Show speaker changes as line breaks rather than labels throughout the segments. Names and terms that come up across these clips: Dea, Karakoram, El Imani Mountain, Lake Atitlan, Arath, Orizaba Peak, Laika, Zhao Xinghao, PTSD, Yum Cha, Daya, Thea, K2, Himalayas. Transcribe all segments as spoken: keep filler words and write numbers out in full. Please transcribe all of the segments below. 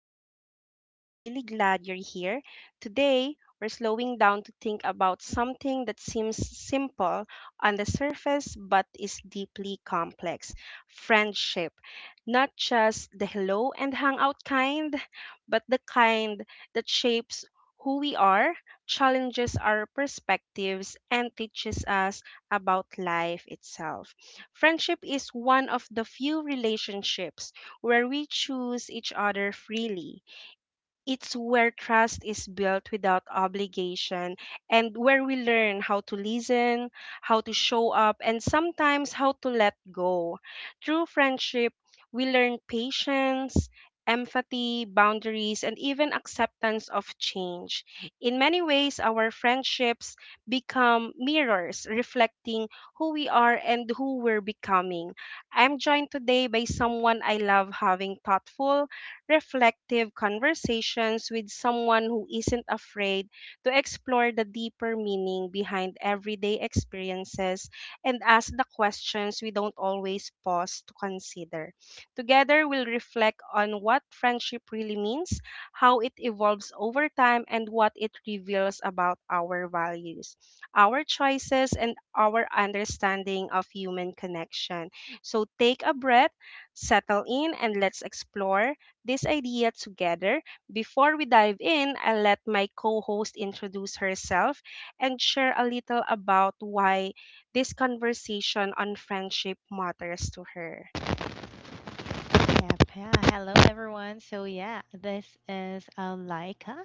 Dea, and I'm really glad you're here. Today, we're slowing down to think about something that seems simple on the surface but is deeply complex: friendship. Not just the hello and hangout kind, but the kind that shapes who we are, challenges our perspectives, and teaches us about life itself. Friendship is one of the few relationships where we choose each other freely. It's where trust is built without obligation and where we learn how to listen, how to show up, and sometimes how to let go. Through friendship, we learn patience, empathy, boundaries, and even acceptance of change. In many ways, our friendships become mirrors reflecting who we are and who we're becoming. I'm joined today by someone I love having thoughtful reflective conversations with, someone who isn't afraid to explore the deeper meaning behind everyday experiences and ask the questions we don't always pause to consider. Together, we'll reflect on what friendship really means, how it evolves over time, and what it reveals about our values, our choices, and our understanding of human connection. So take a breath, settle in, and let's explore this idea together. Before we dive in, I'll let my co host introduce herself and share a little about why this conversation on friendship matters to her.
Yep, yeah. Hello, everyone. So, yeah, this is uh, Laika,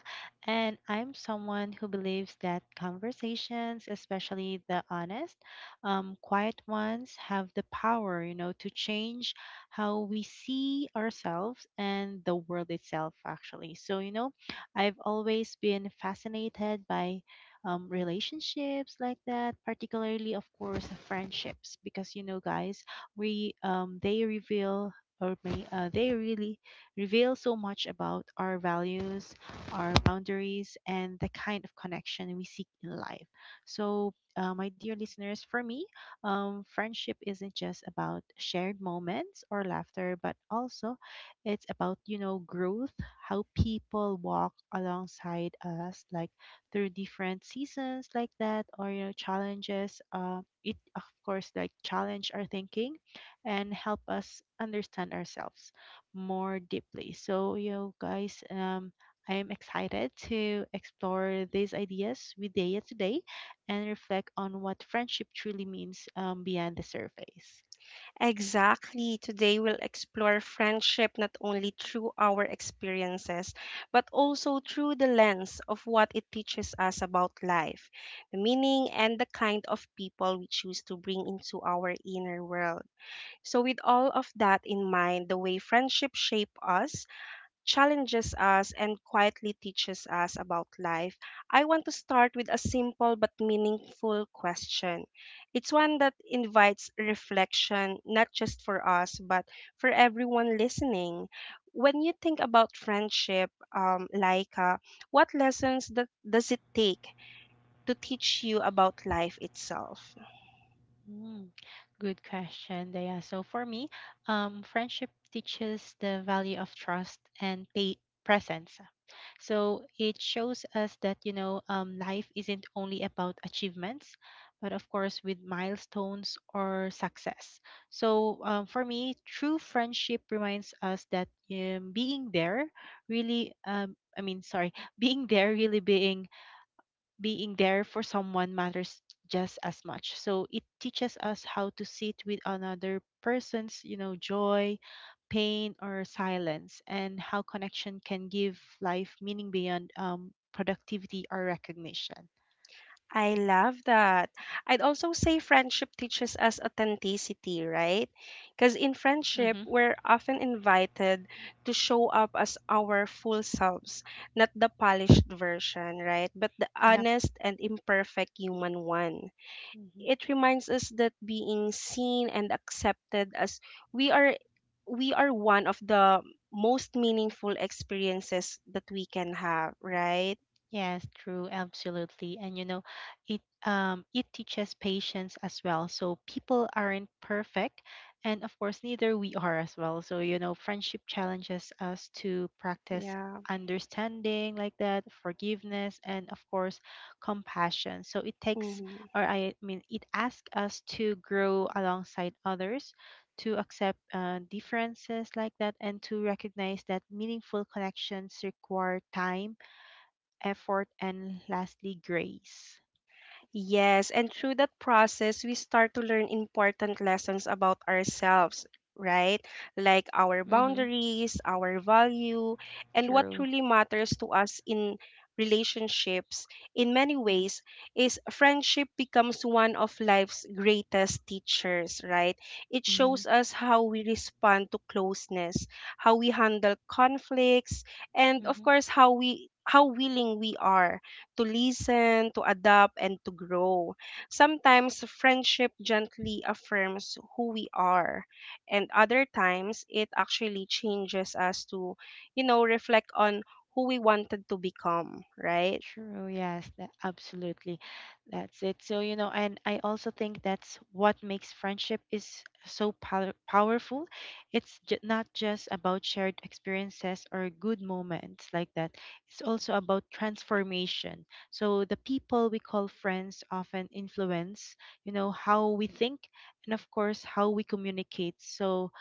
and I'm someone who believes that conversations, especially the honest, um, quiet ones, have the power, you know, to change how we see ourselves and the world itself, actually. So, you know, I've always been fascinated by um, relationships like that, particularly, of course, friendships, because, you know, guys, we um they reveal or may uh, they really reveal so much about our values, our boundaries, and the kind of connection we seek in life. So, uh, my dear listeners, for me, um, friendship isn't just about shared moments or laughter, but also it's about you know growth, how people walk alongside us, like through different seasons like that, or you know challenges. Uh, it of course like challenge our thinking and help us understand ourselves more deeply. So, yo guys, um, I am excited to explore these ideas with Daya today and reflect on what friendship truly means um, beyond the surface.
Exactly. Today, we'll explore friendship not only through our experiences, but also through the lens of what it teaches us about life, the meaning, and the kind of people we choose to bring into our inner world. So, with all of that in mind, the way friendship shape us, challenges us, and quietly teaches us about life, I want to start with a simple but meaningful question. It's one that invites reflection, not just for us, but for everyone listening. When you think about friendship, um, Laika, what lessons that does it take to teach you about life itself?
Mm, Good question, Daya. So for me, um, friendship teaches the value of trust and pay presence. So it shows us that you know um, life isn't only about achievements, but of course with milestones or success. So um, for me, true friendship reminds us that um, being there really, um, I mean, sorry, being there really being being there for someone matters just as much. So it teaches us how to sit with another person's you know joy, pain, or silence, and how connection can give life meaning beyond um, productivity or recognition.
I love that. I'd also say friendship teaches us authenticity, right? Because in friendship,
Mm-hmm.
we're often invited to show up as our full selves, not the polished version, right? But the
Yeah.
honest and imperfect human one. It reminds us that being seen and accepted as we are we are one of the most meaningful experiences that we can have, right?
Yes, true, absolutely. And you know, it um it teaches patience as well. So people aren't perfect, and of course neither we are as well. So you know, friendship challenges us to practice
Yeah.
understanding like that, forgiveness, and of course compassion. So it takes
Mhm.
or I mean, it asks us to grow alongside others, to accept uh, differences like that, and to recognize that meaningful connections require time, effort, and lastly, grace.
Yes, and through that process, we start to learn important lessons about ourselves, right? Like our
Mm-hmm.
boundaries, our value, and what
True.
truly matters to us in relationships. In many ways, is friendship becomes one of life's greatest teachers, right? It
Mm-hmm.
shows us how we respond to closeness, how we handle conflicts, and of
Mm-hmm.
course, how we how willing we are to listen, to adapt, and to grow. Sometimes friendship gently affirms who we are, and other times it actually changes us to, you know, reflect on who we wanted to become, right?
True. Yes, that, absolutely. That's it. So, you know, and I also think that's what makes friendship is so power- powerful. It's j- not just about shared experiences or good moments like that. It's also about transformation. So, the people we call friends often influence, you know, how we think, and of course how we communicate. So,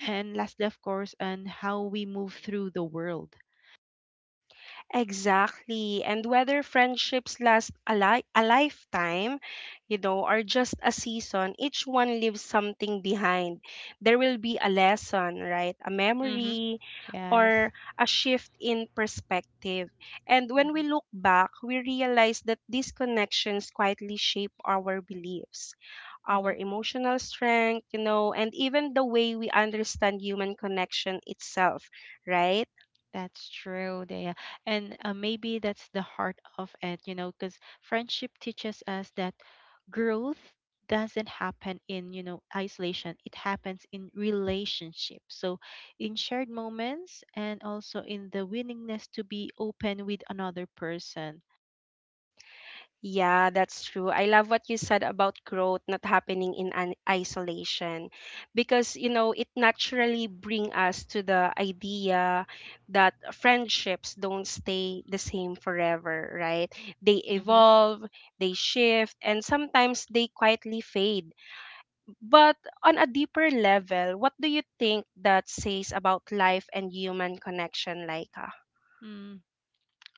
and lastly, of course, on how we move through the world.
Exactly. And whether friendships last a, li- a lifetime, you know, or just a season, each one leaves something behind. There will be a lesson, right? A
Mm-hmm.
memory
Yes.
or a shift in perspective. And when
Mm-hmm.
we look back, we realize that these connections quietly shape our beliefs,
Mm-hmm.
our emotional strength, you know, and even the way we understand human connection itself, right?
That's true, Dea. And uh, maybe that's the heart of it, you know, because friendship teaches us that growth doesn't happen in, you know, isolation. It happens in relationship. So, in shared moments, and also in the willingness to be open with another person.
Yeah, that's true. I love what you said about growth not happening in an isolation because you know it naturally bring us to the idea that friendships don't stay the same forever, right? They evolve, they shift, and sometimes they quietly fade. But on a deeper level, what do you think that says about life and human connection, Laika?
Mm-hmm.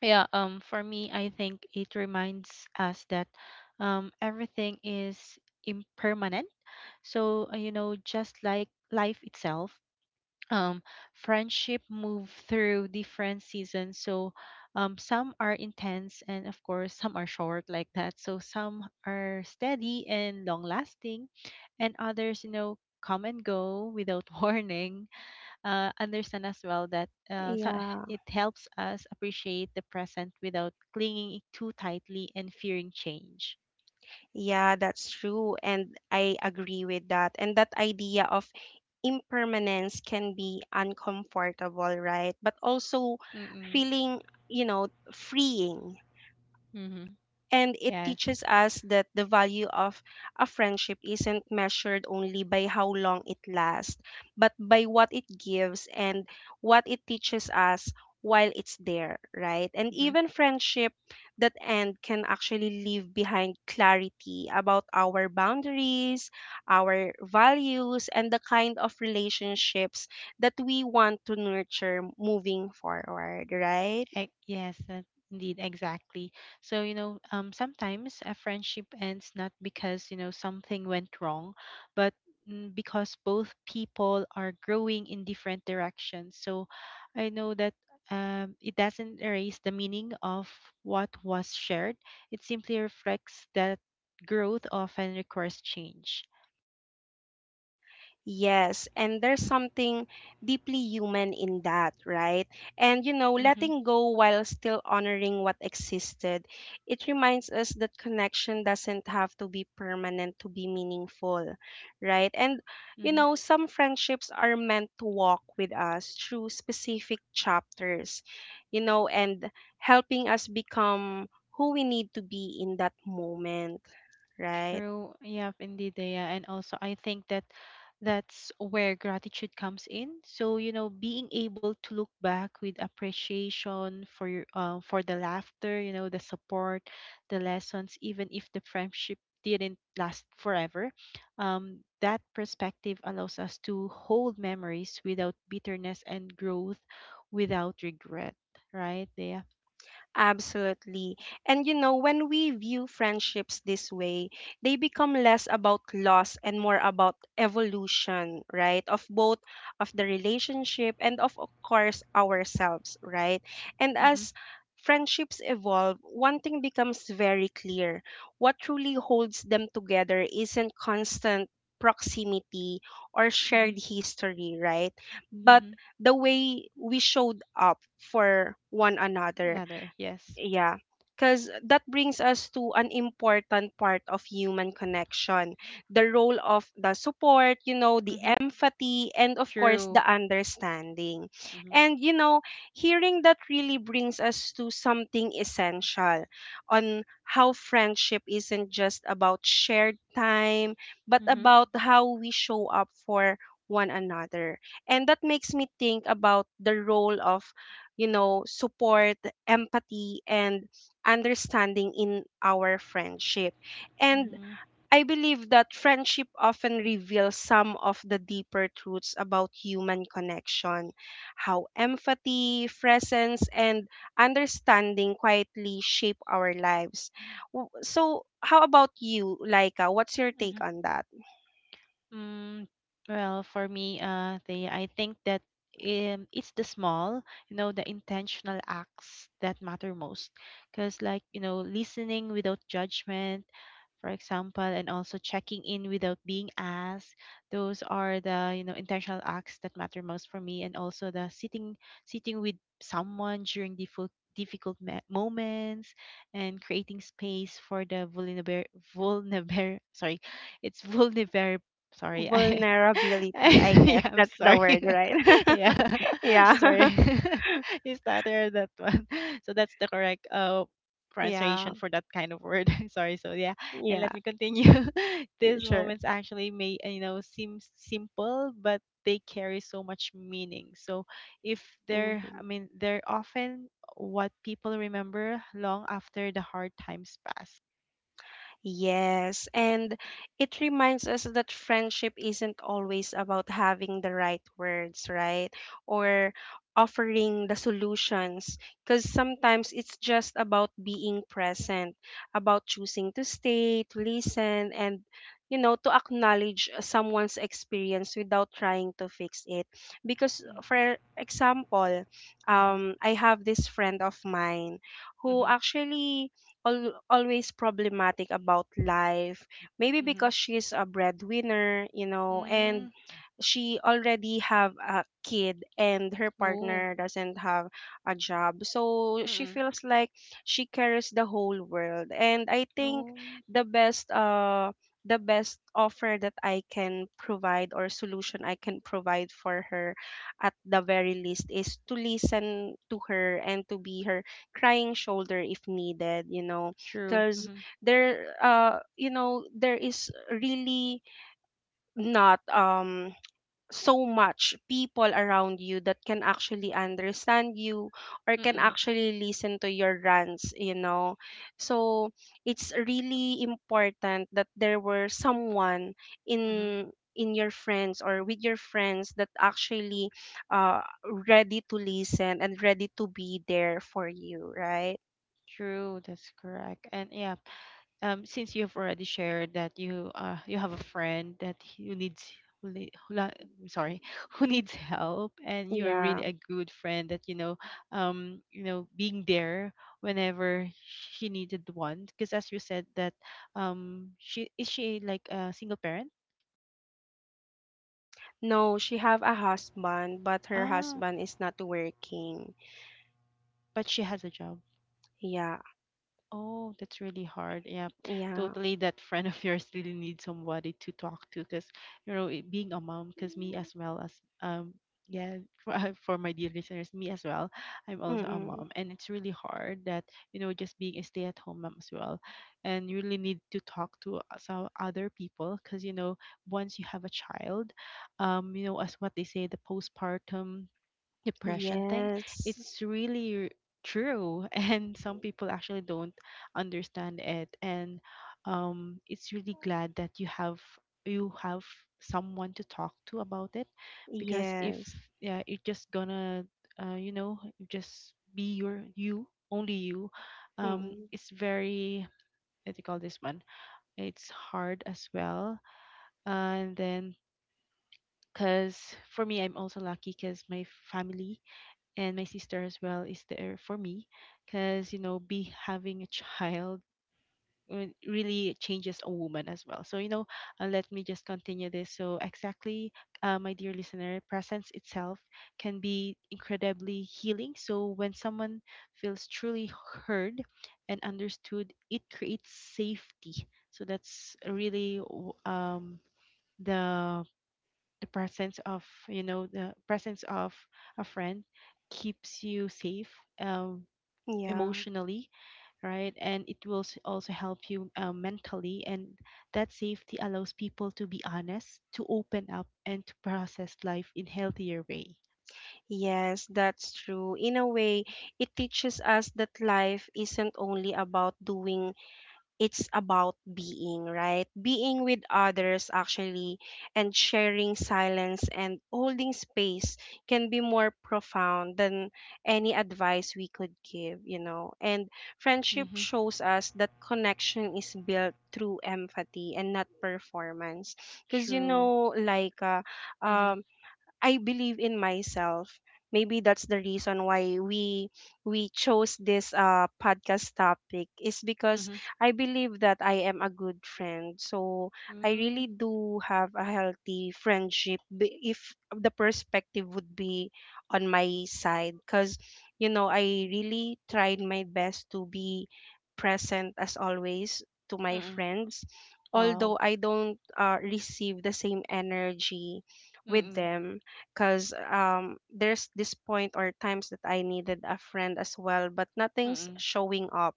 Yeah, um, for me, I think it reminds us that um, everything is impermanent. So, uh, you know, just like life itself, um, friendship move through different seasons. So, um, some are intense, and of course some are short like that. So some are steady and long lasting, and others, you know, come and go without warning. Uh, understand as well that uh, so
Yeah.
it helps us appreciate the present without clinging too tightly and fearing change.
Yeah, that's true. And I agree with that. And that idea of impermanence can be uncomfortable, right? But also
Mm-mm.
feeling, you know, freeing,
Hmm.
and it
Yes.
teaches us that the value of a friendship isn't measured only by how long it lasts, but by what it gives and what it teaches us while it's there, right? And
Mm-hmm.
even friendship that end can actually leave behind clarity about our boundaries, our values, and the kind of relationships that we want to nurture moving forward, right?
Ex- Yes, uh, indeed, exactly. So, you know, um, sometimes a friendship ends not because, you know, something went wrong, but mm, because both people are growing in different directions. So I know that um, it doesn't erase the meaning of what was shared. It simply reflects that growth often requires change.
Yes, and there's something deeply human in that, right? And you know,
Mm-hmm.
letting go while still honoring what existed, it reminds us that connection doesn't have to be permanent to be meaningful, right? And you
Mm-hmm.
know, some friendships are meant to walk with us through specific chapters, you know, and helping us become who we need to be in that moment, right?
True. Yeah. Indeed, Dea. And also, I think that that's where gratitude comes in. So, you know, being able to look back with appreciation for your, uh, for the laughter, you know, the support, the lessons, even if the friendship didn't last forever. Um, that perspective allows us to hold memories without bitterness, and growth without regret. Right, Dea?
Absolutely. And you know, when we view friendships this way, they become less about loss and more about evolution, right? Of both of the relationship and of course ourselves, right? And
Mm-hmm.
as friendships evolve, one thing becomes very clear. What truly holds them together isn't constant proximity or
Mm-hmm.
shared history, right? But
Mm-hmm.
the way we showed up for one another.
Another, yes.
Yeah. Because that brings us to an important part of human connection: the role of the support, you know, the
Mm-hmm.
empathy, and of course,
True.
the understanding.
Mm-hmm.
And, you know, hearing that really brings us to something essential on how friendship isn't just about shared time, but
Mhm.
about how we show up for one another. And that makes me think about the role of you know, support, empathy, and understanding in our friendship. And
Mhm.
I believe that friendship often reveals some of the deeper truths about human connection, how empathy, presence, and understanding quietly shape our lives. W- So, how about you, Laika? What's your take
Mhm.
on that?
Mm, well, for me, uh, they, I think that um, it's the small, you know, the intentional acts that matter most. Because, like, you know, listening without judgment, for example, and also checking in without being asked, those are the, you know, intentional acts that matter most for me. And also the sitting, sitting with someone during difficult difficult me- moments, and creating space for the vulnerable vulnerable sorry it's vulnerable. Sorry, I, I,
Vulnerability, I guess
yeah, I'm
that's the
sorry.
word, right?
Yeah, I'm
Yeah.
sorry. You stuttered that one. So that's the correct uh pronunciation
Yeah.
for that kind of word. Sorry. So yeah, and
Yeah.
let me continue. These
Sure.
moments actually may uh, you know seem simple, but they carry so much meaning. So if they're, I
Mhm.
mean, they're often what people remember long after the hard times pass.
Yes, and it reminds us that friendship isn't always about having the right words, right? Or offering the solutions, because sometimes it's just about being present, about choosing to stay, to listen, and you know, to acknowledge someone's experience without trying to fix it. Because,
Mm-hmm.
for example,
Mm-hmm.
um, I have this friend of mine who
Mm-hmm.
actually al- always problematic about life, maybe
Mm-hmm.
because she's a breadwinner, you know and
Mm.
she already have a kid and her
Oh.
partner doesn't have a job, so she feels like she carries the whole world. And I think
Oh,
the best uh the best offer that I can provide, or solution I can provide for her at the very least, is to listen to her and to be her crying shoulder if needed, you know.
true.
Because
Mm-hmm.
there uh you know there is really not um so much people around you that can actually understand you or can
Mm-mm.
actually listen to your rants you know so it's really important that there were someone
Mm-hmm.
in in your friends, or with your friends, that actually uh ready to listen and ready to be there for you, right?
True, that's correct. And yeah, um, since you've already shared that you uh you have a friend that you needs who, need, who la- I'm sorry, who needs help, and you're really
Yeah.
a good friend that you know, um, you know, being there whenever she needed one. Because as you said that, um, she is she like a single parent?
No, she have a husband, but her
Ah,
husband is not working.
but she has a job.
Yeah.
Oh, that's really hard. Yeah,
Yeah.
totally. That friend of yours really needs somebody to talk to, because you know, it, being a mom, because me as well as um, yeah, for, for my dear listeners, me as well, I'm also a
Mm-mm.
mom, and it's really hard that you know, just being a stay-at-home mom as well, and you really need to talk to some other people, because you know, once you have a child, um, you know, as what they say, the postpartum depression thing,
Yes.
it's really true. And some people actually don't understand it, and um it's really glad that you have you have someone to talk to about it, because if
Yes.
yeah you're just gonna uh, you know just be your you only you, um
Mm,
it's very, what do you call this one, it's hard as well. And then because for me I'm also lucky because my family and my sister as well is there for me, because you know be having a child uh, really changes a woman as well. So you know, uh, let me just continue this. So exactly, uh, my dear listener, presence itself can be incredibly healing. So when someone feels truly heard and understood, it creates safety. So that's really w- um, the the presence of you know the presence of a friend keeps you safe, um,
yeah.
emotionally, right, and it will s- also help you, um, mentally, and that safety allows people to be honest, to open up, and to process life in healthier way.
Yes, that's true. In a way, it teaches us that life isn't only about doing, it's about being, right? Being with others actually, and sharing silence and holding space can be more profound than any advice we could give, you know. And friendship
Mm-hmm.
shows us that connection is built through empathy and not performance. Because, you
True.
know, like, uh,
Mm-hmm.
um, I believe in myself. Maybe that's the reason why we we chose this uh podcast topic, is because
Mm-hmm.
I believe that I am a good friend. So I
Mm-hmm.
really do have a healthy friendship, b- if the perspective would be on my side, cuz you know I really tried my best to be present as always to my
Mm-hmm.
friends,
Wow.
although I don't uh, receive the same energy with
Mm-mm.
them, because um, there's this point or times that I needed a friend as well, but nothing's
Mm-mm.
showing up,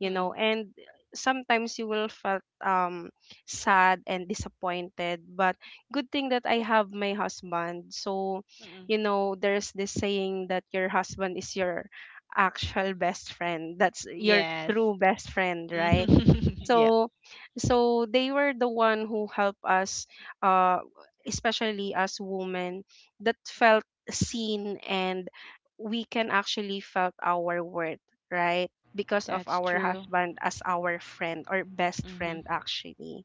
you know.
Mm-mm.
And sometimes you will felt um, sad and disappointed, but good thing that I have my husband. So,
Mm-mm.
you know, there's this saying that your husband is your actual best friend. That's your
Yes.
true best friend, right?
Yep.
so so they were the one who helped us, uh especially as women, that felt seen, and we can actually felt our worth, right? Because of
That's
our
true.
husband as our friend or best
Hmm.
friend actually,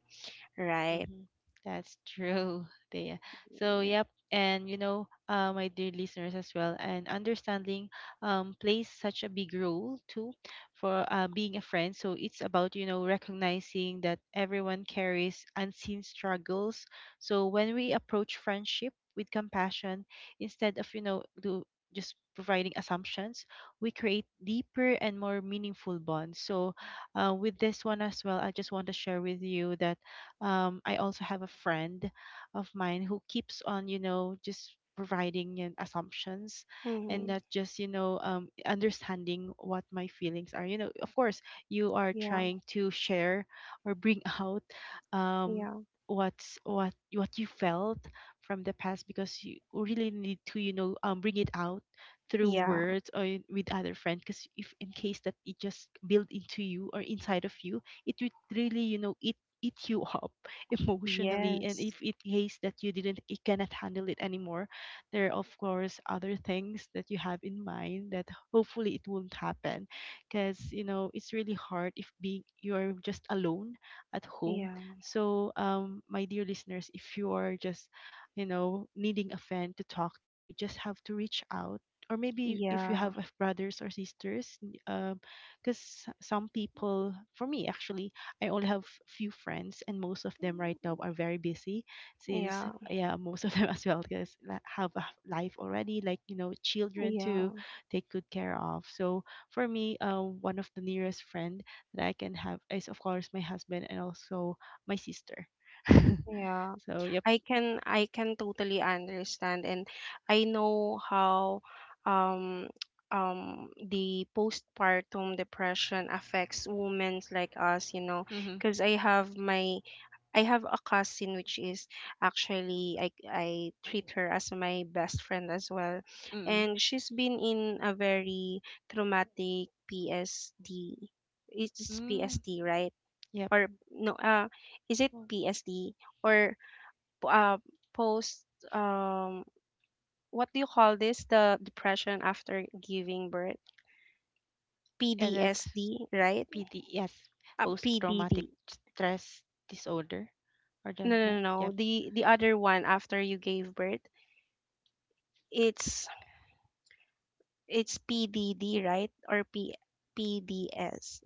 right?
Mm-hmm. That's true, Thea. So,
Yeah.
yep. And, you know, uh, my dear listeners as well, and understanding um, plays such a big role too for uh, being a friend. So, it's about, you know, recognizing that everyone carries unseen struggles. So, when we approach friendship with compassion, instead of, you know, do just providing assumptions, we create deeper and more meaningful bonds. So, uh, with this one as well, I just want to share with you that um, I also have a friend of mine who keeps on, you know, just providing and assumptions, and
Mm-hmm.
not just, you know, um, understanding what my feelings are. You know, of course, you are
Yeah.
trying to share or bring out um,
Yeah.
what's what what you felt from the past, because you really need to you know um, bring it out through
Yeah.
words or in- with other friends, because if in case that it just build into you or inside of you, it would really you know eat eat you up emotionally, and if
Yes.
it hates that you didn't you cannot handle it anymore, there are of course other things that you have in mind that hopefully it won't happen, because you know it's really hard if being you're just alone at home.
Yeah.
So um my dear listeners, if you are just you know needing a friend to talk to, you just have to reach out, or maybe if you
Yeah.
have uh, brothers or sisters, because some people for me actually, I only have few friends, and most of them right now are very busy. Since
Yeah.
yeah, most of them as well because la- have a life already, like you know, children
Yeah.
to take good care of. So for me, uh, one of the nearest friend that I can have is of course my husband, and also my sister.
Yeah.
So yep.
I can I can totally understand, and I know how um um the postpartum depression affects women like us, you know,
Mm-hmm.
because I have my I have a cousin, which is actually I I treat her as my best friend as well.
Mm-mm.
And she's been in a very traumatic P S D. It's
Mm,
P S T, right?
yep.
Or no, uh is it
Well,
P S D? Or uh, post, um what do you call this, the depression after giving birth?
yeah, that's
P D S D, right?
P D. Yes,
uh, P D D.
post-traumatic stress disorder. Or the
No,
me-
no, no,
yep.
no. the the other one after you gave birth. It's it's P D D, right? Or P, PDS?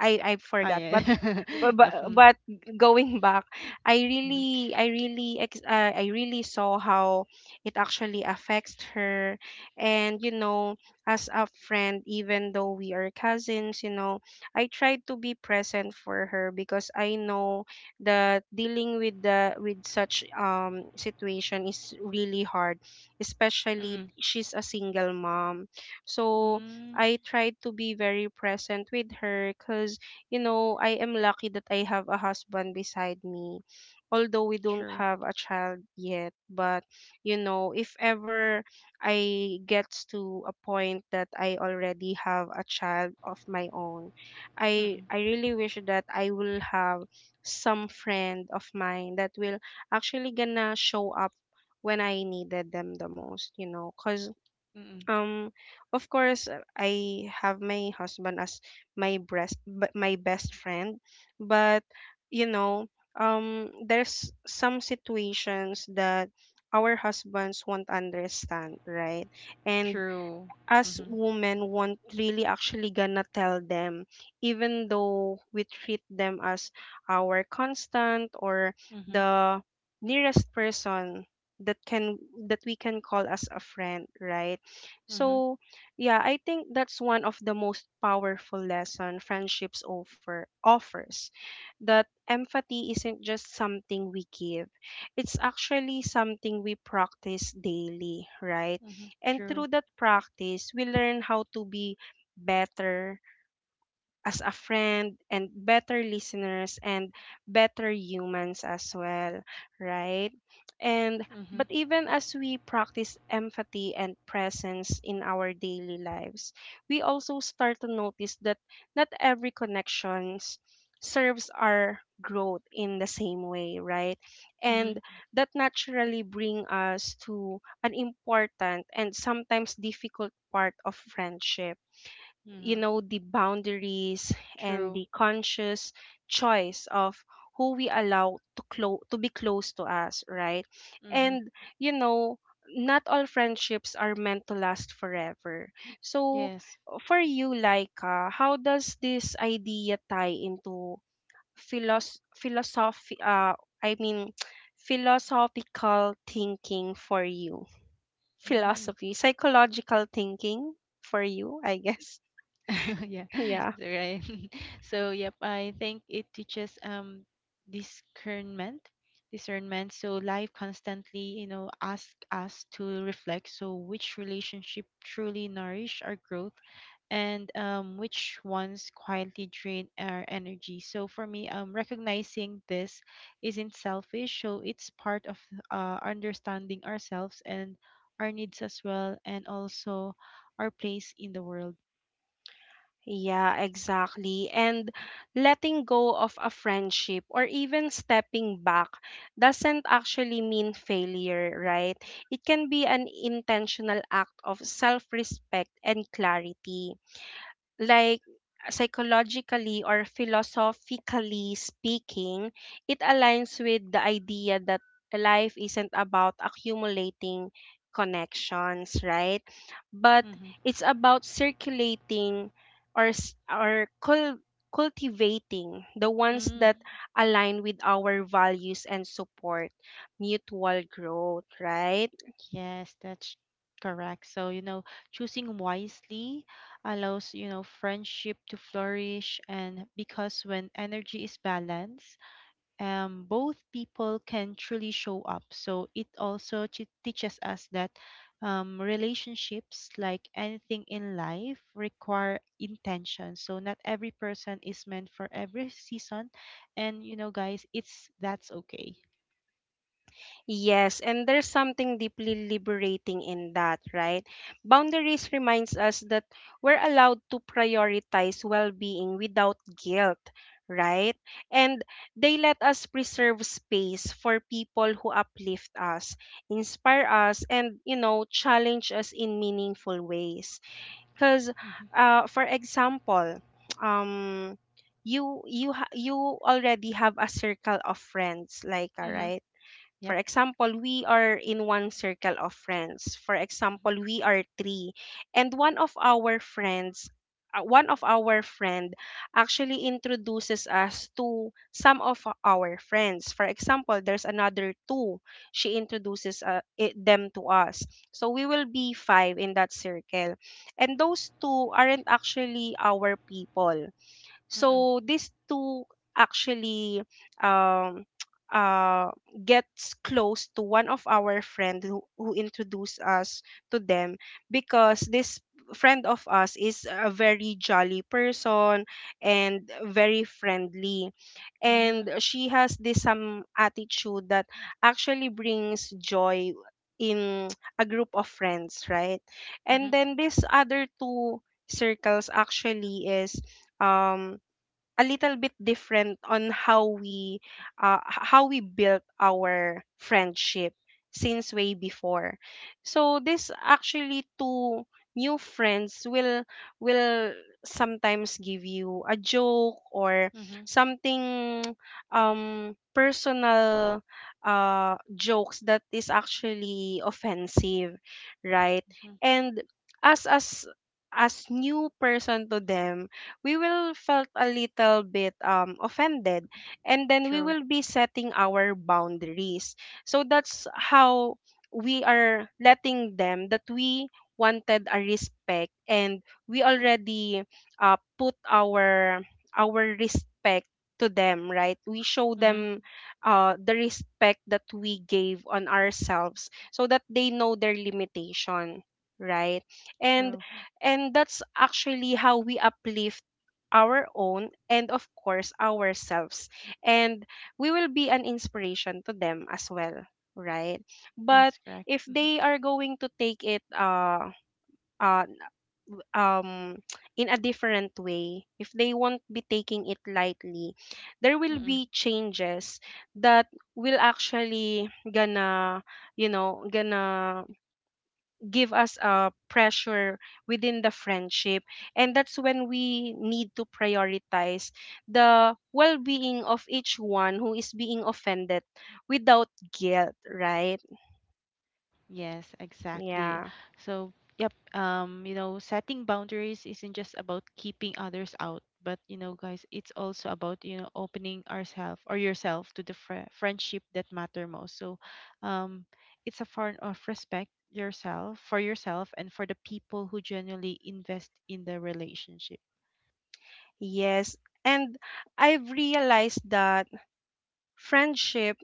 I I
Oh
forgot, but
yeah.
but
Yep.
but
Mm.
but going back, I
Mhm.
really I really ex- uh, I really saw how it actually affects her, and you know, as a friend, even though we are cousins, you know, I tried to be present for her because I know that dealing with the with such um situation is really hard,
Mm.
especially she's a single mom, so
Mm.
I tried to be very present with her because, you know, I am lucky that I have a husband beside me. Although we don't
True.
have a child yet, but, you know, if ever I gets to a point that I already have a child of my own, I,
Mm.
I really wish that I will have some friend of mine that will actually gonna show up when I needed them the most, you know, because
Mm.
um, of course, uh, I have my husband as my breast, b- my best friend, but you know, um, there's some situations that our husbands won't understand, right? And
True.
us
Mhm.
women won't really actually gonna tell them even though we treat them as our constant or
Mhm.
the nearest person that can that we can call as a friend, right?
Mhm.
So yeah, I think that's one of the most powerful lesson friendships offer offers, that empathy isn't just something we give, it's actually something we practice daily, right?
Mhm.
And through
True.
that practice, we learn how to be better as a friend and better listeners and better humans as well, right? And but
Mhm.
even as we practice empathy and presence in our daily lives, we also start to notice that not every connections serves our growth in the same way, right?
Mhm.
And that naturally bring us to an important and sometimes difficult part of friendship, you
Mhm.
know, the boundaries and
True.
the conscious choice of who we allow to close to be close to us, right?
Mhm.
And you know, not all friendships are meant to last forever, so
Yes.
for you Laika, how does this idea tie into philos- philosophy, uh I mean philosophical thinking for you,
Mm.
philosophy psychological thinking for you, I guess.
Yeah,
Yeah.
right, so yep, I think it teaches um discernment discernment. So life constantly you know ask us to reflect, so which relationship truly nourish our growth, and um, which ones quietly drain our energy. So for me um, recognizing this isn't selfish, so it's part of uh, understanding ourselves and our needs as well, and also our place in the world.
Yeah, exactly. And letting go of a friendship or even stepping back doesn't actually mean failure, right? It can be an intentional act of self respect and clarity, like psychologically or philosophically speaking, it aligns with the idea that life isn't about accumulating connections, right? But
Mhm.
it's about circulating or s- or cul- cultivating the ones
Mm,
that align with our values and support mutual growth, right?
yes, that's correct. So, you know, choosing wisely allows, you know, friendship to flourish, and because when energy is balanced, um, both people can truly show up. So it also t teaches us that um, relationships, like anything in life, require intention. So not every person is meant for every season. And, you know, guys, it's that's okay.
Yes, and there's something deeply liberating in that, right? Boundaries reminds us that we're allowed to prioritize well-being without guilt, right? And they let us preserve space for people who uplift us, inspire us, and you know, challenge us in meaningful ways. Because,
Mm-hmm.
uh, for example, um, you you ha- you already have a circle of friends, like, all
Mm-hmm.
right. For
Yep.
example, we are in one circle of friends. For
Mm-hmm.
example, we are three, and one of our friends, uh, one of our friend actually introduces us to some of our friends. For example, there's another two. She introduces uh, i- them to us. So we will be five in that circle. And those two aren't actually our people.
Mm-hmm.
So these two actually um, uh, gets close to one of our friend who, who introduced us to them, because this friend of us is a very jolly person and very friendly,
Mm.
and she has this some attitude that actually brings joy in a group of friends, right? And
Mhm.
then this other two circles actually is um a little bit different on how we uh, h- how we built our friendship since way before. So this actually two new friends will will sometimes give you a joke or
Mhm.
something um personal uh jokes that is actually offensive, right?
Mhm.
And as as as new person to them, we will felt a little bit um, offended, and then we
True.
will be setting our boundaries. So that's how we are letting them that we wanted a respect, and we already uh, put our our respect to them, right? We show
Mhm.
them uh, the respect that we gave on ourselves so that they know their limitation, right? and
True.
and that's actually how we uplift our own and of course ourselves, and we will be an inspiration to them as well, right? But
That's correct.
if
Mhm.
they are going to take it uh uh um in a different way, if they won't be taking it lightly, there will
Mm-mm.
be changes that will actually gonna, you know, gonna give us a pressure within the friendship, and that's when we need to prioritize the well-being of each one who is being offended without guilt, right?
Yes, exactly.
Yeah.
So, yep, um, you know, setting boundaries isn't just about keeping others out, but you know, guys, it's also about, you know, opening ourselves or yourself to the fri friendship that matter most. So, um, it's a form of respect yourself for yourself and for the people who genuinely invest in the relationship.
Yes, and I've realized that friendship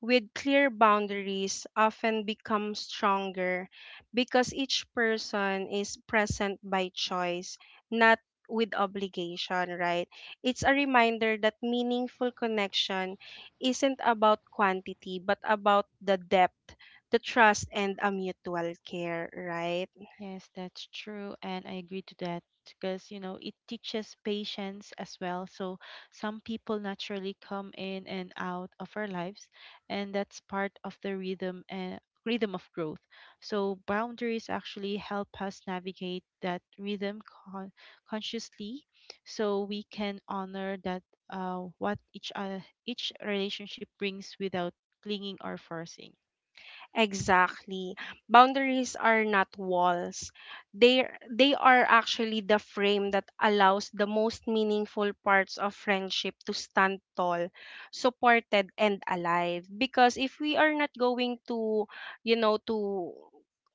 with clear boundaries often become stronger because each person is present by choice, not with obligation, right? It's a reminder that meaningful connection isn't about quantity, but about the depth, the trust, and a mutual care, right?
Yes, that's true. And I agree to that because, you know, it teaches patience as well. So some people naturally come in and out of our lives, and that's part of the rhythm and rhythm of growth. So boundaries actually help us navigate that rhythm con- consciously, so we can honor that uh, what each uh, each relationship brings without clinging or forcing.
Exactly. Boundaries are not walls. They they are actually the frame that allows the most meaningful parts of friendship to stand tall, supported and alive. Because if we are not going to, you know, to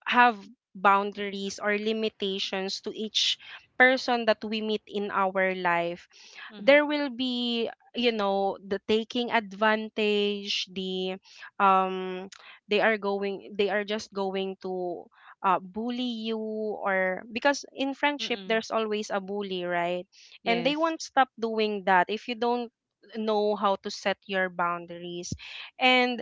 have boundaries or limitations to each person that we meet in our life,
Mm-hmm.
there will be, you know, the taking advantage, the um they are going, they are just going to uh, bully you, or because in friendship
Mm-mm.
there's always a bully, right? And they
Yes.
won't stop doing that if you don't know how to set your boundaries. And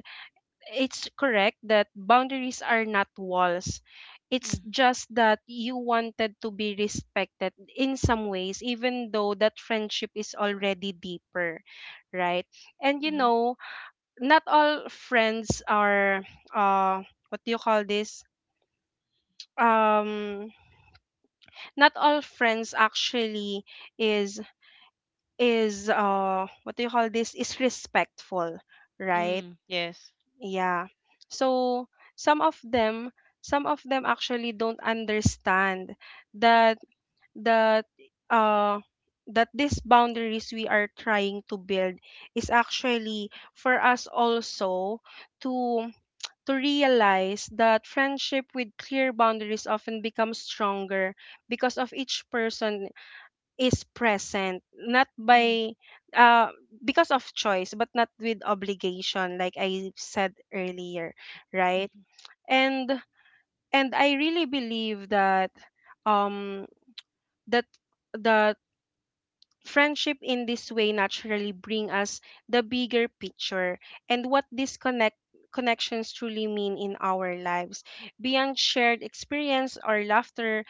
it's correct that boundaries are not walls. It's
Mm-hmm.
just that you wanted to be respected in some ways, even though that friendship is already deeper, right? And you know, not all friends are, uh, what do you call this? Um, Not all friends actually is is uh, what do you call this? Is respectful, right?
Mm, yes.
Yeah. So some of them, some of them actually don't understand that that uh that these boundaries we are trying to build is actually for us also to to realize that friendship with clear boundaries often becomes stronger because of each person is present not
Mm.
by uh because of choice but not with obligation, like I said earlier, right?
Mhm.
and and I really believe that um that the friendship in this way naturally bring us the bigger picture and what these connect connections truly mean in our lives. Beyond shared experience or laughter,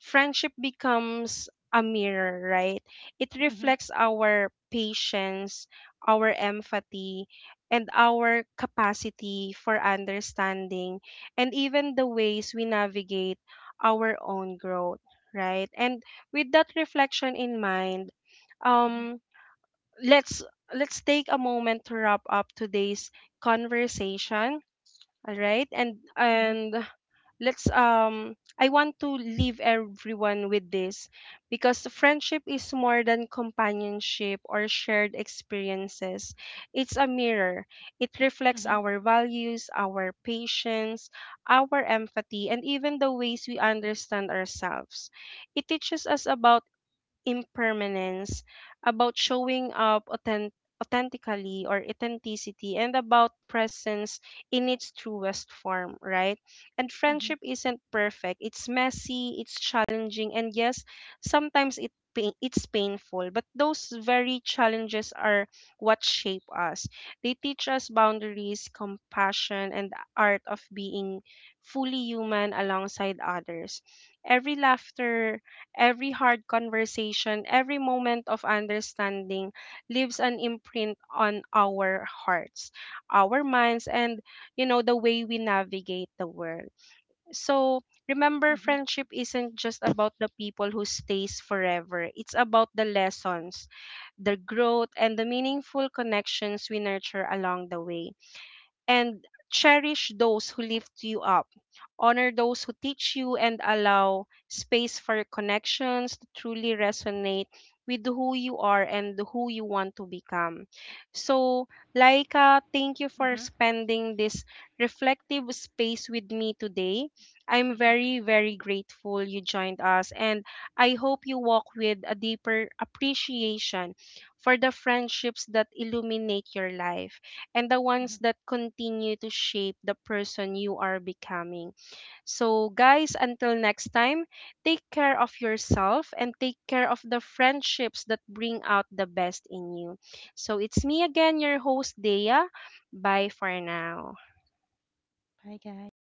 friendship becomes a mirror, right? It
Mhm.
reflects our patience, our empathy, and our capacity for understanding, and even the ways we navigate our own growth, right? And with that reflection in mind,
Mhm.
um, let's let's take a moment to wrap up today's conversation. All right, and
Mhm.
and let's, um I want to leave everyone with this, because friendship is more than companionship or shared experiences. It's a mirror. It reflects
Mhm.
our values, our patience, our empathy, and even the ways we understand ourselves. It teaches us about impermanence, about showing up authen- authentically or authenticity, and about presence in its truest form, right? And
Mhm.
friendship isn't perfect. It's messy, it's challenging, and yes, sometimes it pain, it's painful, but those very challenges are what shape us. They teach us boundaries, compassion, and the art of being fully human alongside others. Every laughter, every hard conversation, every moment of understanding leaves an imprint on our hearts, our minds, and you know, the way we navigate the world. So remember,
Mhm.
friendship isn't just about the people who stays forever. It's about the lessons, the growth, and the meaningful connections we nurture along the way, and cherish those who lift you up. Honor those who teach you and allow space for connections to truly resonate with who you are and who you want to become. So, Laika, thank you for
Mhm.
spending this reflective space with me today. I'm
Mhm.
very, very grateful you joined us, and I hope you walk with a deeper appreciation for the friendships that illuminate your life and the
Mhm.
ones that continue to shape the person you are becoming. So, guys, until next time, take care of yourself and take care of the friendships that bring out the best in you. So, it's me again, your host, Dea. Bye for now.
Bye, guys.